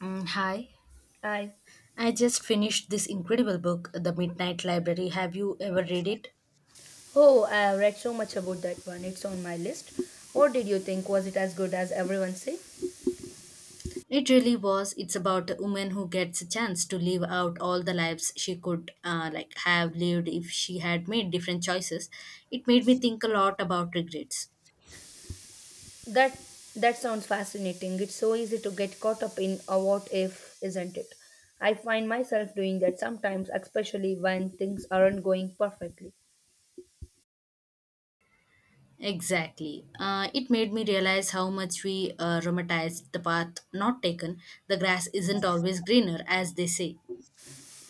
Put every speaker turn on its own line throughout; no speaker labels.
Hi.
I
I just finished this incredible book, The Midnight Library. Have you ever read it?
Oh, I have read so much about that one. It's on my list. What did you think? Was it as good as everyone say?
It really was. It's about a woman who gets a chance to live out all the lives she could have lived if she had made different choices. It made me think a lot about regrets.
That that sounds fascinating. It's so easy to get caught up in a what if, isn't it? I find myself doing that sometimes, especially when things aren't going perfectly.
Exactly. It made me realize how much we romanticize the path not taken. The grass isn't always greener, as they say.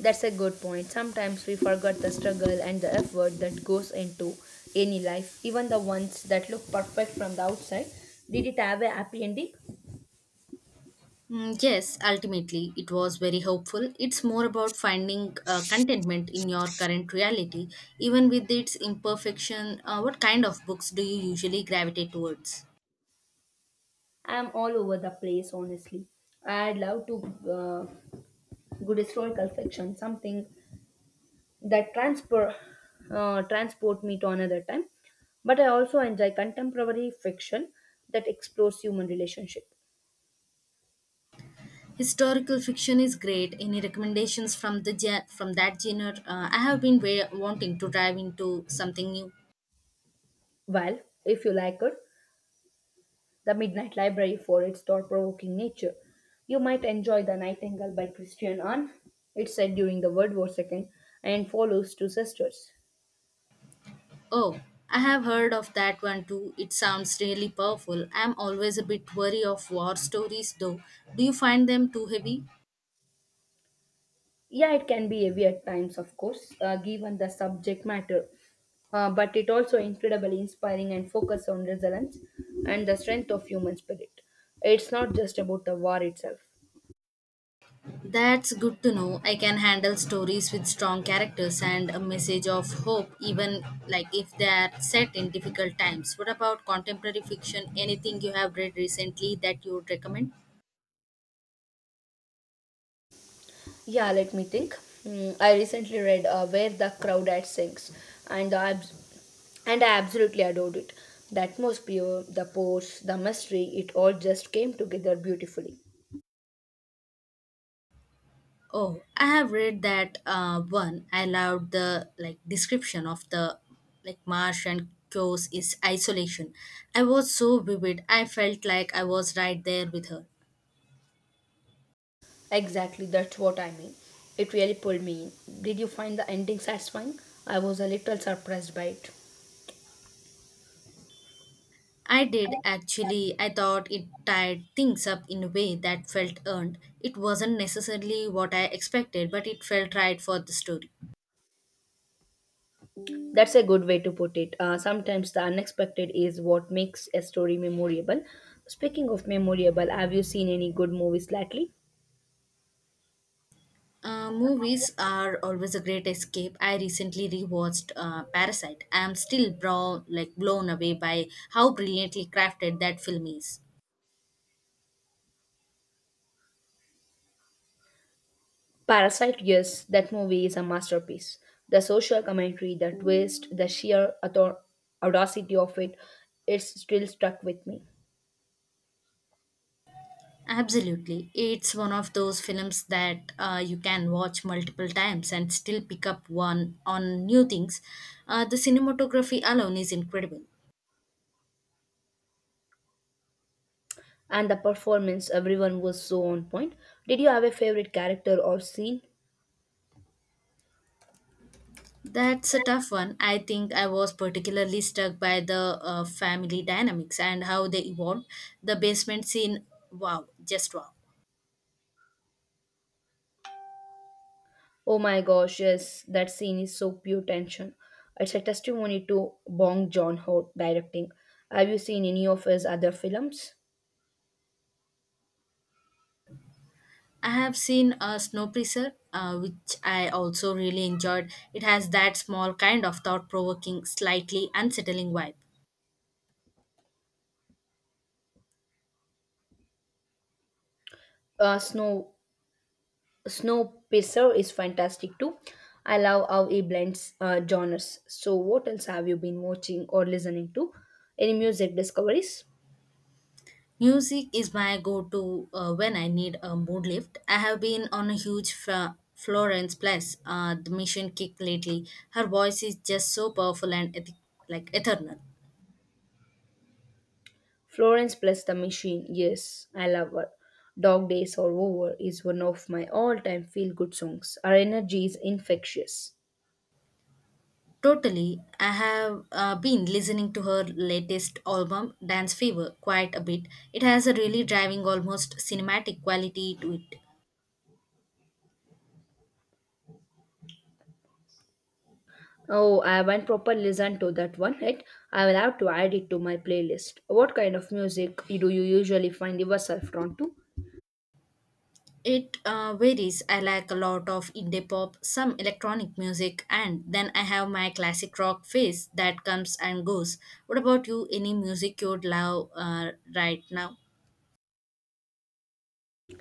That's a good point. Sometimes we forget the struggle and the effort that goes into any life, even the ones that look perfect from the outside. Did it have a happy ending?
Mm, yes, ultimately, it was very hopeful. It's more about finding contentment in your current reality, even with its imperfection. What kind of books do you usually gravitate towards?
I'm all over the place, honestly. I'd love to good historical fiction, something that transport me to another time. But I also enjoy contemporary fiction that explores human relationship.
Historical fiction is great. Any recommendations from from that genre? I have been wanting to dive into something new.
Well, if you like it, The Midnight Library for its thought-provoking nature. You might enjoy The Nightingale by Christian Arne. It's set during the World War II and follows two sisters.
Oh, I have heard of that one too. It sounds really powerful. I'm always a bit wary of war stories, though. Do you find them too heavy?
Yeah, it can be heavy at times, of course, given the subject matter. But it also incredibly inspiring and focus on resilience and the strength of human spirit. It's not just about the war itself.
That's good to know. I can handle stories with strong characters and a message of hope, even if they are set in difficult times. What about contemporary fiction? Anything you have read recently that you would recommend?
Yeah, let me think. I recently read Where the Crowd at Sings, and and I absolutely adored it. The atmosphere, the pose, the mystery, it all just came together beautifully.
Oh, I have read that one. I loved the description of the marsh and chaos is isolation. I was so vivid. I felt like I was right there with her.
Exactly, that's what I mean. It really pulled me in. Did you find the ending satisfying? I was a little surprised by it.
I did actually. I thought it tied things up in a way that felt earned. It wasn't necessarily what I expected, but it felt right for the story.
That's a good way to put it. Sometimes the unexpected is what makes a story memorable. Speaking of memorable, have you seen any good movies lately?
Movies are always a great escape. I recently rewatched Parasite. I am still brow, like blown away by how brilliantly crafted that film is.
Parasite, yes, that movie is a masterpiece. The social commentary, the twist, the sheer audacity of it, it's still stuck with me.
Absolutely. It's one of those films that you can watch multiple times and still pick up one on new things. The cinematography alone is incredible.
And the performance, everyone was so on point. Did you have a favorite character or scene?
That's a tough one. I think I was particularly struck by the family dynamics and how they evolved. The basement scene, wow, just wow.
Oh my gosh, yes, that scene is so pure tension. It's a testimony to Bong Joon-ho directing. Have you seen any of his other films?
I have seen a Snow Preacher, which I also really enjoyed. It has that small kind of thought provoking, slightly unsettling vibe.
Uh, Snow Snowpiercer is fantastic too. I love how he blends genres. So, what else have you been watching or listening to? Any music discoveries?
Music is my go to when I need a mood lift. I have been on a huge Florence Plus, the mission kick lately. Her voice is just so powerful and eternal.
Florence plus the Machine. Yes, I love her. Dog Days Are Over is one of my all-time feel-good songs. Her energy is infectious.
Totally. I have been listening to her latest album, Dance Fever, quite a bit. It has a really driving, almost cinematic quality to it.
Oh, I haven't proper listened to that one yet. I will have to add it to my playlist. What kind of music do you usually find yourself drawn to?
It varies. I like a lot of indie pop, some electronic music, and then I have my classic rock phase that comes and goes. What about you? Any music you'd love right now?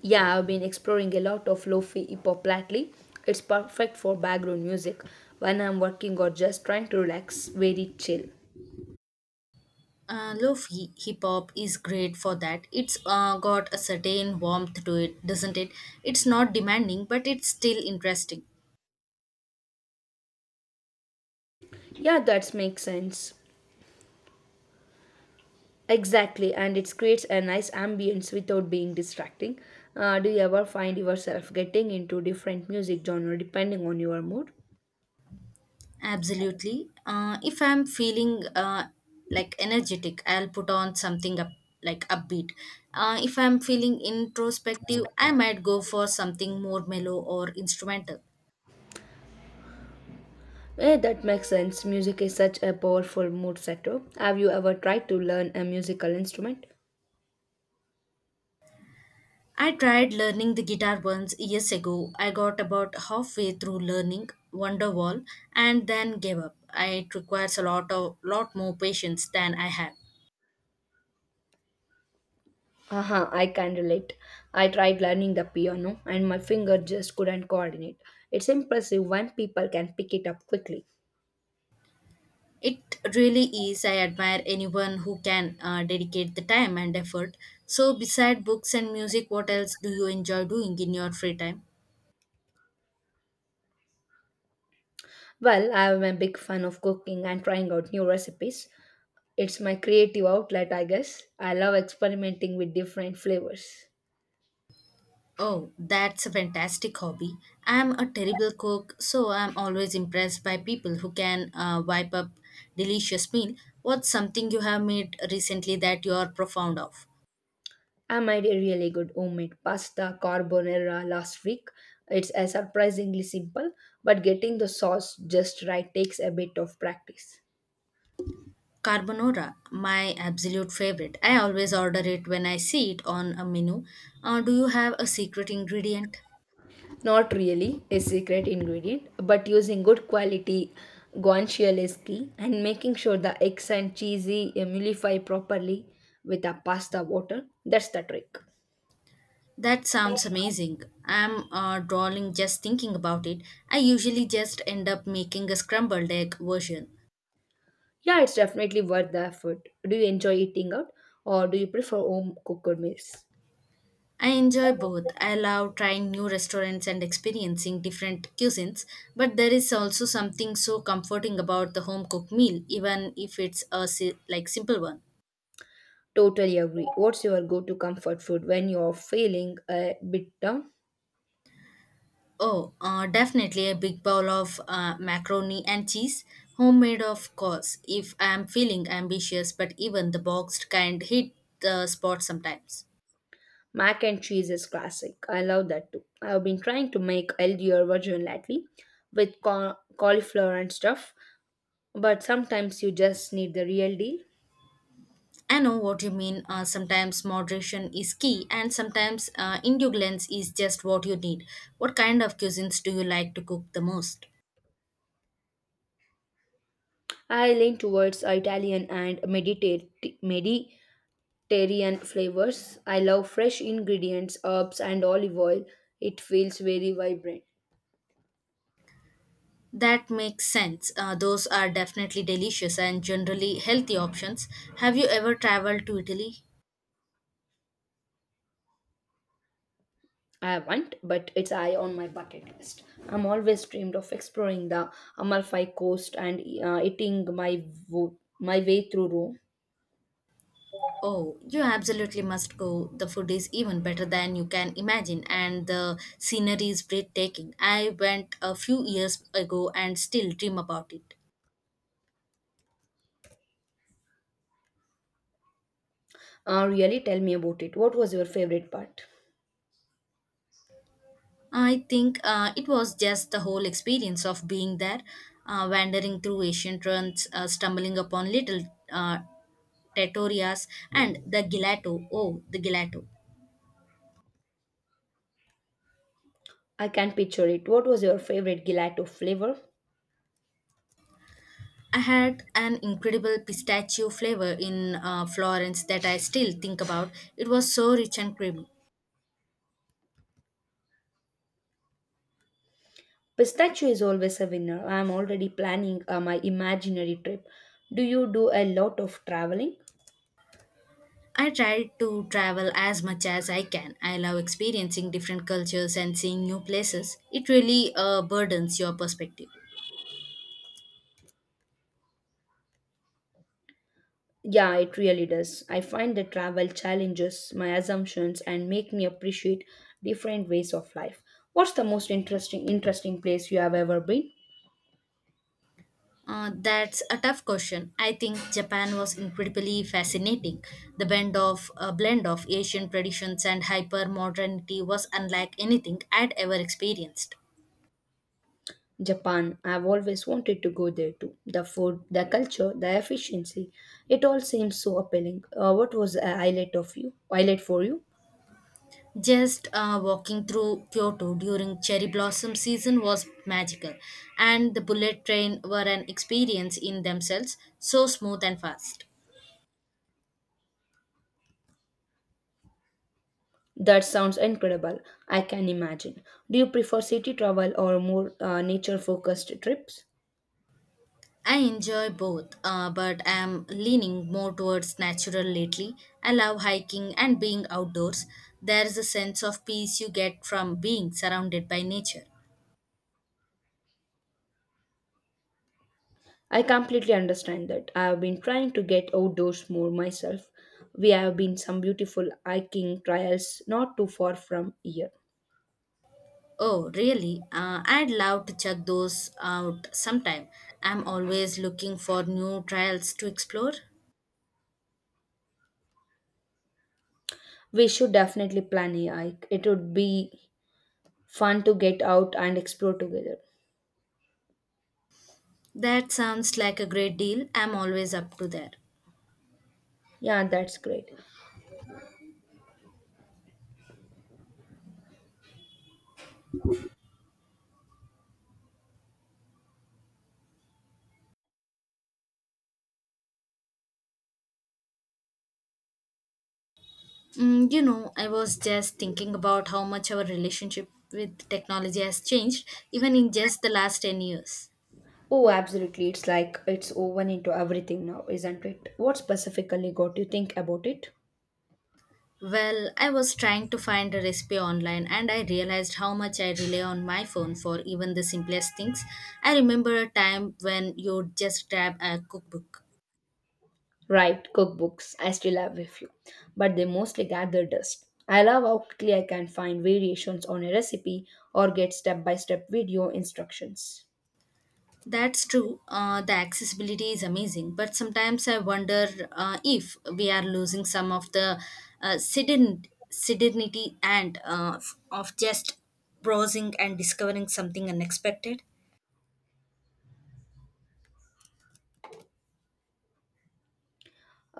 Yeah, I've been exploring a lot of lo-fi hip-hop lately. It's perfect for background music when I'm working or just trying to relax, very chill.
Lofi hip hop is great for that. It's got a certain warmth to it, doesn't it? It's not demanding, but it's still interesting.
Yeah, that makes sense. Exactly, and it creates a nice ambience without being distracting. Do you ever find yourself getting into different music genre depending on your mood?
Absolutely. If I'm feeling energetic, I'll put on something up, like upbeat. If I'm feeling introspective, I might go for something more mellow or instrumental.
That makes sense. Music is such a powerful mood setter. Have you ever tried to learn a musical instrument?
I tried learning the guitar once years ago. I got about halfway through learning Wonderwall and then gave up. It requires a lot of lot more patience than I have.
Haha, I can relate. I tried learning the piano and my finger just couldn't coordinate. It's impressive when people can pick it up quickly.
It really is. I admire anyone who can dedicate the time and effort. So, beside books and music, what else do you enjoy doing in your free time?
Well, I am a big fan of cooking and trying out new recipes. It's my creative outlet, I guess. I love experimenting with different flavors.
Oh, that's a fantastic hobby. I'm a terrible cook, so I'm always impressed by people who can wipe up delicious meal. What's something you have made recently that you're profound of?
I made a really good homemade pasta carbonara last week. It's surprisingly simple, but getting the sauce just right takes a bit of practice.
Carbonara, my absolute favorite. I always order it when I see it on a menu. Do you have a secret ingredient?
Not really a secret ingredient, but using good quality guanciale is key and making sure the eggs and cheesy emulsify properly with the pasta water. That's the trick.
That sounds amazing. I'm drawing just thinking about it. I usually just end up making a scrambled egg version.
Yeah, it's definitely worth the effort. Do you enjoy eating out or do you prefer home cooked meals?
I enjoy both. I love trying new restaurants and experiencing different cuisines, but there is also something so comforting about the home cooked meal, even if it's a simple one.
Totally agree. What's your go to comfort food when you're feeling a bit down?
Oh, definitely a big bowl of macaroni and cheese, homemade of course. If I am feeling ambitious, but even the boxed kind hit the spot sometimes.
Mac and cheese is classic. I love that too. I've been trying to make healthier version lately with cauliflower and stuff, but sometimes you just need the real deal.
I know what you mean. Sometimes moderation is key, and sometimes indulgence is just what you need. What kind of cuisines do you like to cook the most?
I lean towards Italian and Mediterranean flavors. I love fresh ingredients, herbs, and olive oil. It feels very vibrant.
That makes sense. Those are definitely delicious and generally healthy options. Have you ever traveled to Italy?
I haven't, but it's high on my bucket list. I'm always dreamed of exploring the Amalfi Coast and eating my way through Rome.
Oh, you absolutely must go. The food is even better than you can imagine, and the scenery is breathtaking. I went a few years ago and still dream about it.
Really, tell me about it. What was your favorite part?
I think it was just the whole experience of being there, wandering through ancient ruins, stumbling upon little uh, trattorias and the gelato. Oh, the gelato.
I can picture it. What was your favorite gelato flavor?
I had an incredible pistachio flavor in Florence that I still think about. It was so rich and creamy.
Pistachio is always a winner. I'm already planning my imaginary trip. Do you do a lot of traveling?
I try to travel as much as I can. I love experiencing different cultures and seeing new places. It really burdens your perspective.
Yeah, it really does. I find that travel challenges my assumptions and make me appreciate different ways of life. What's the most interesting place you have ever been?
That's a tough question. I think Japan was incredibly fascinating. The blend of Asian traditions and hyper modernity was unlike anything I'd ever experienced.
Japan. I've always wanted to go there too. The food, the culture, the efficiency, it all seems so appealing. What was a highlight of you? Highlight for you?
Just walking through Kyoto during cherry blossom season was magical, and the bullet train were an experience in themselves, so smooth and fast.
That sounds incredible. I can imagine. Do you prefer city travel or more nature focused trips?
I enjoy both, but I'm leaning more towards natural lately. I love hiking and being outdoors. There's a sense of peace you get from being surrounded by nature.
I completely understand that. I have been trying to get outdoors more myself. We have been some beautiful hiking trails not too far from here.
Oh, really? I'd love to check those out sometime. I'm always looking for new trails to explore.
We should definitely plan a hike. It would be fun to get out and explore together.
That sounds like a great deal. I'm always up to that.
Yeah, that's great.
Mm, you know, I was just thinking about how much our relationship with technology has changed, even in just the last 10 years.
Oh, absolutely. It's like it's woven into everything now, isn't it? What specifically got you think about it?
Well, I was trying to find a recipe online and I realized how much I rely on my phone for even the simplest things. I remember a time when you just grab a cookbook.
Right, cookbooks. I still have a few, but they mostly gather dust. I love how quickly I can find variations on a recipe or get step by step video instructions.
That's true, the accessibility is amazing, but sometimes I wonder if we are losing some of the sedenity and of just browsing and discovering something unexpected.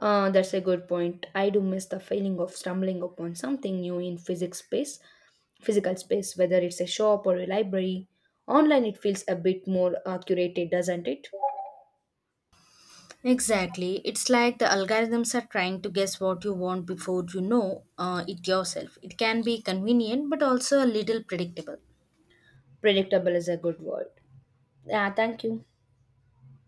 That's a good point. I do miss the feeling of stumbling upon something new in physical space, whether it's a shop or a library. Online, it feels a bit more curated, doesn't it?
Exactly. It's like the algorithms are trying to guess what you want before you know it yourself. It can be convenient but also a little predictable.
Predictable is a good word. Yeah, thank you.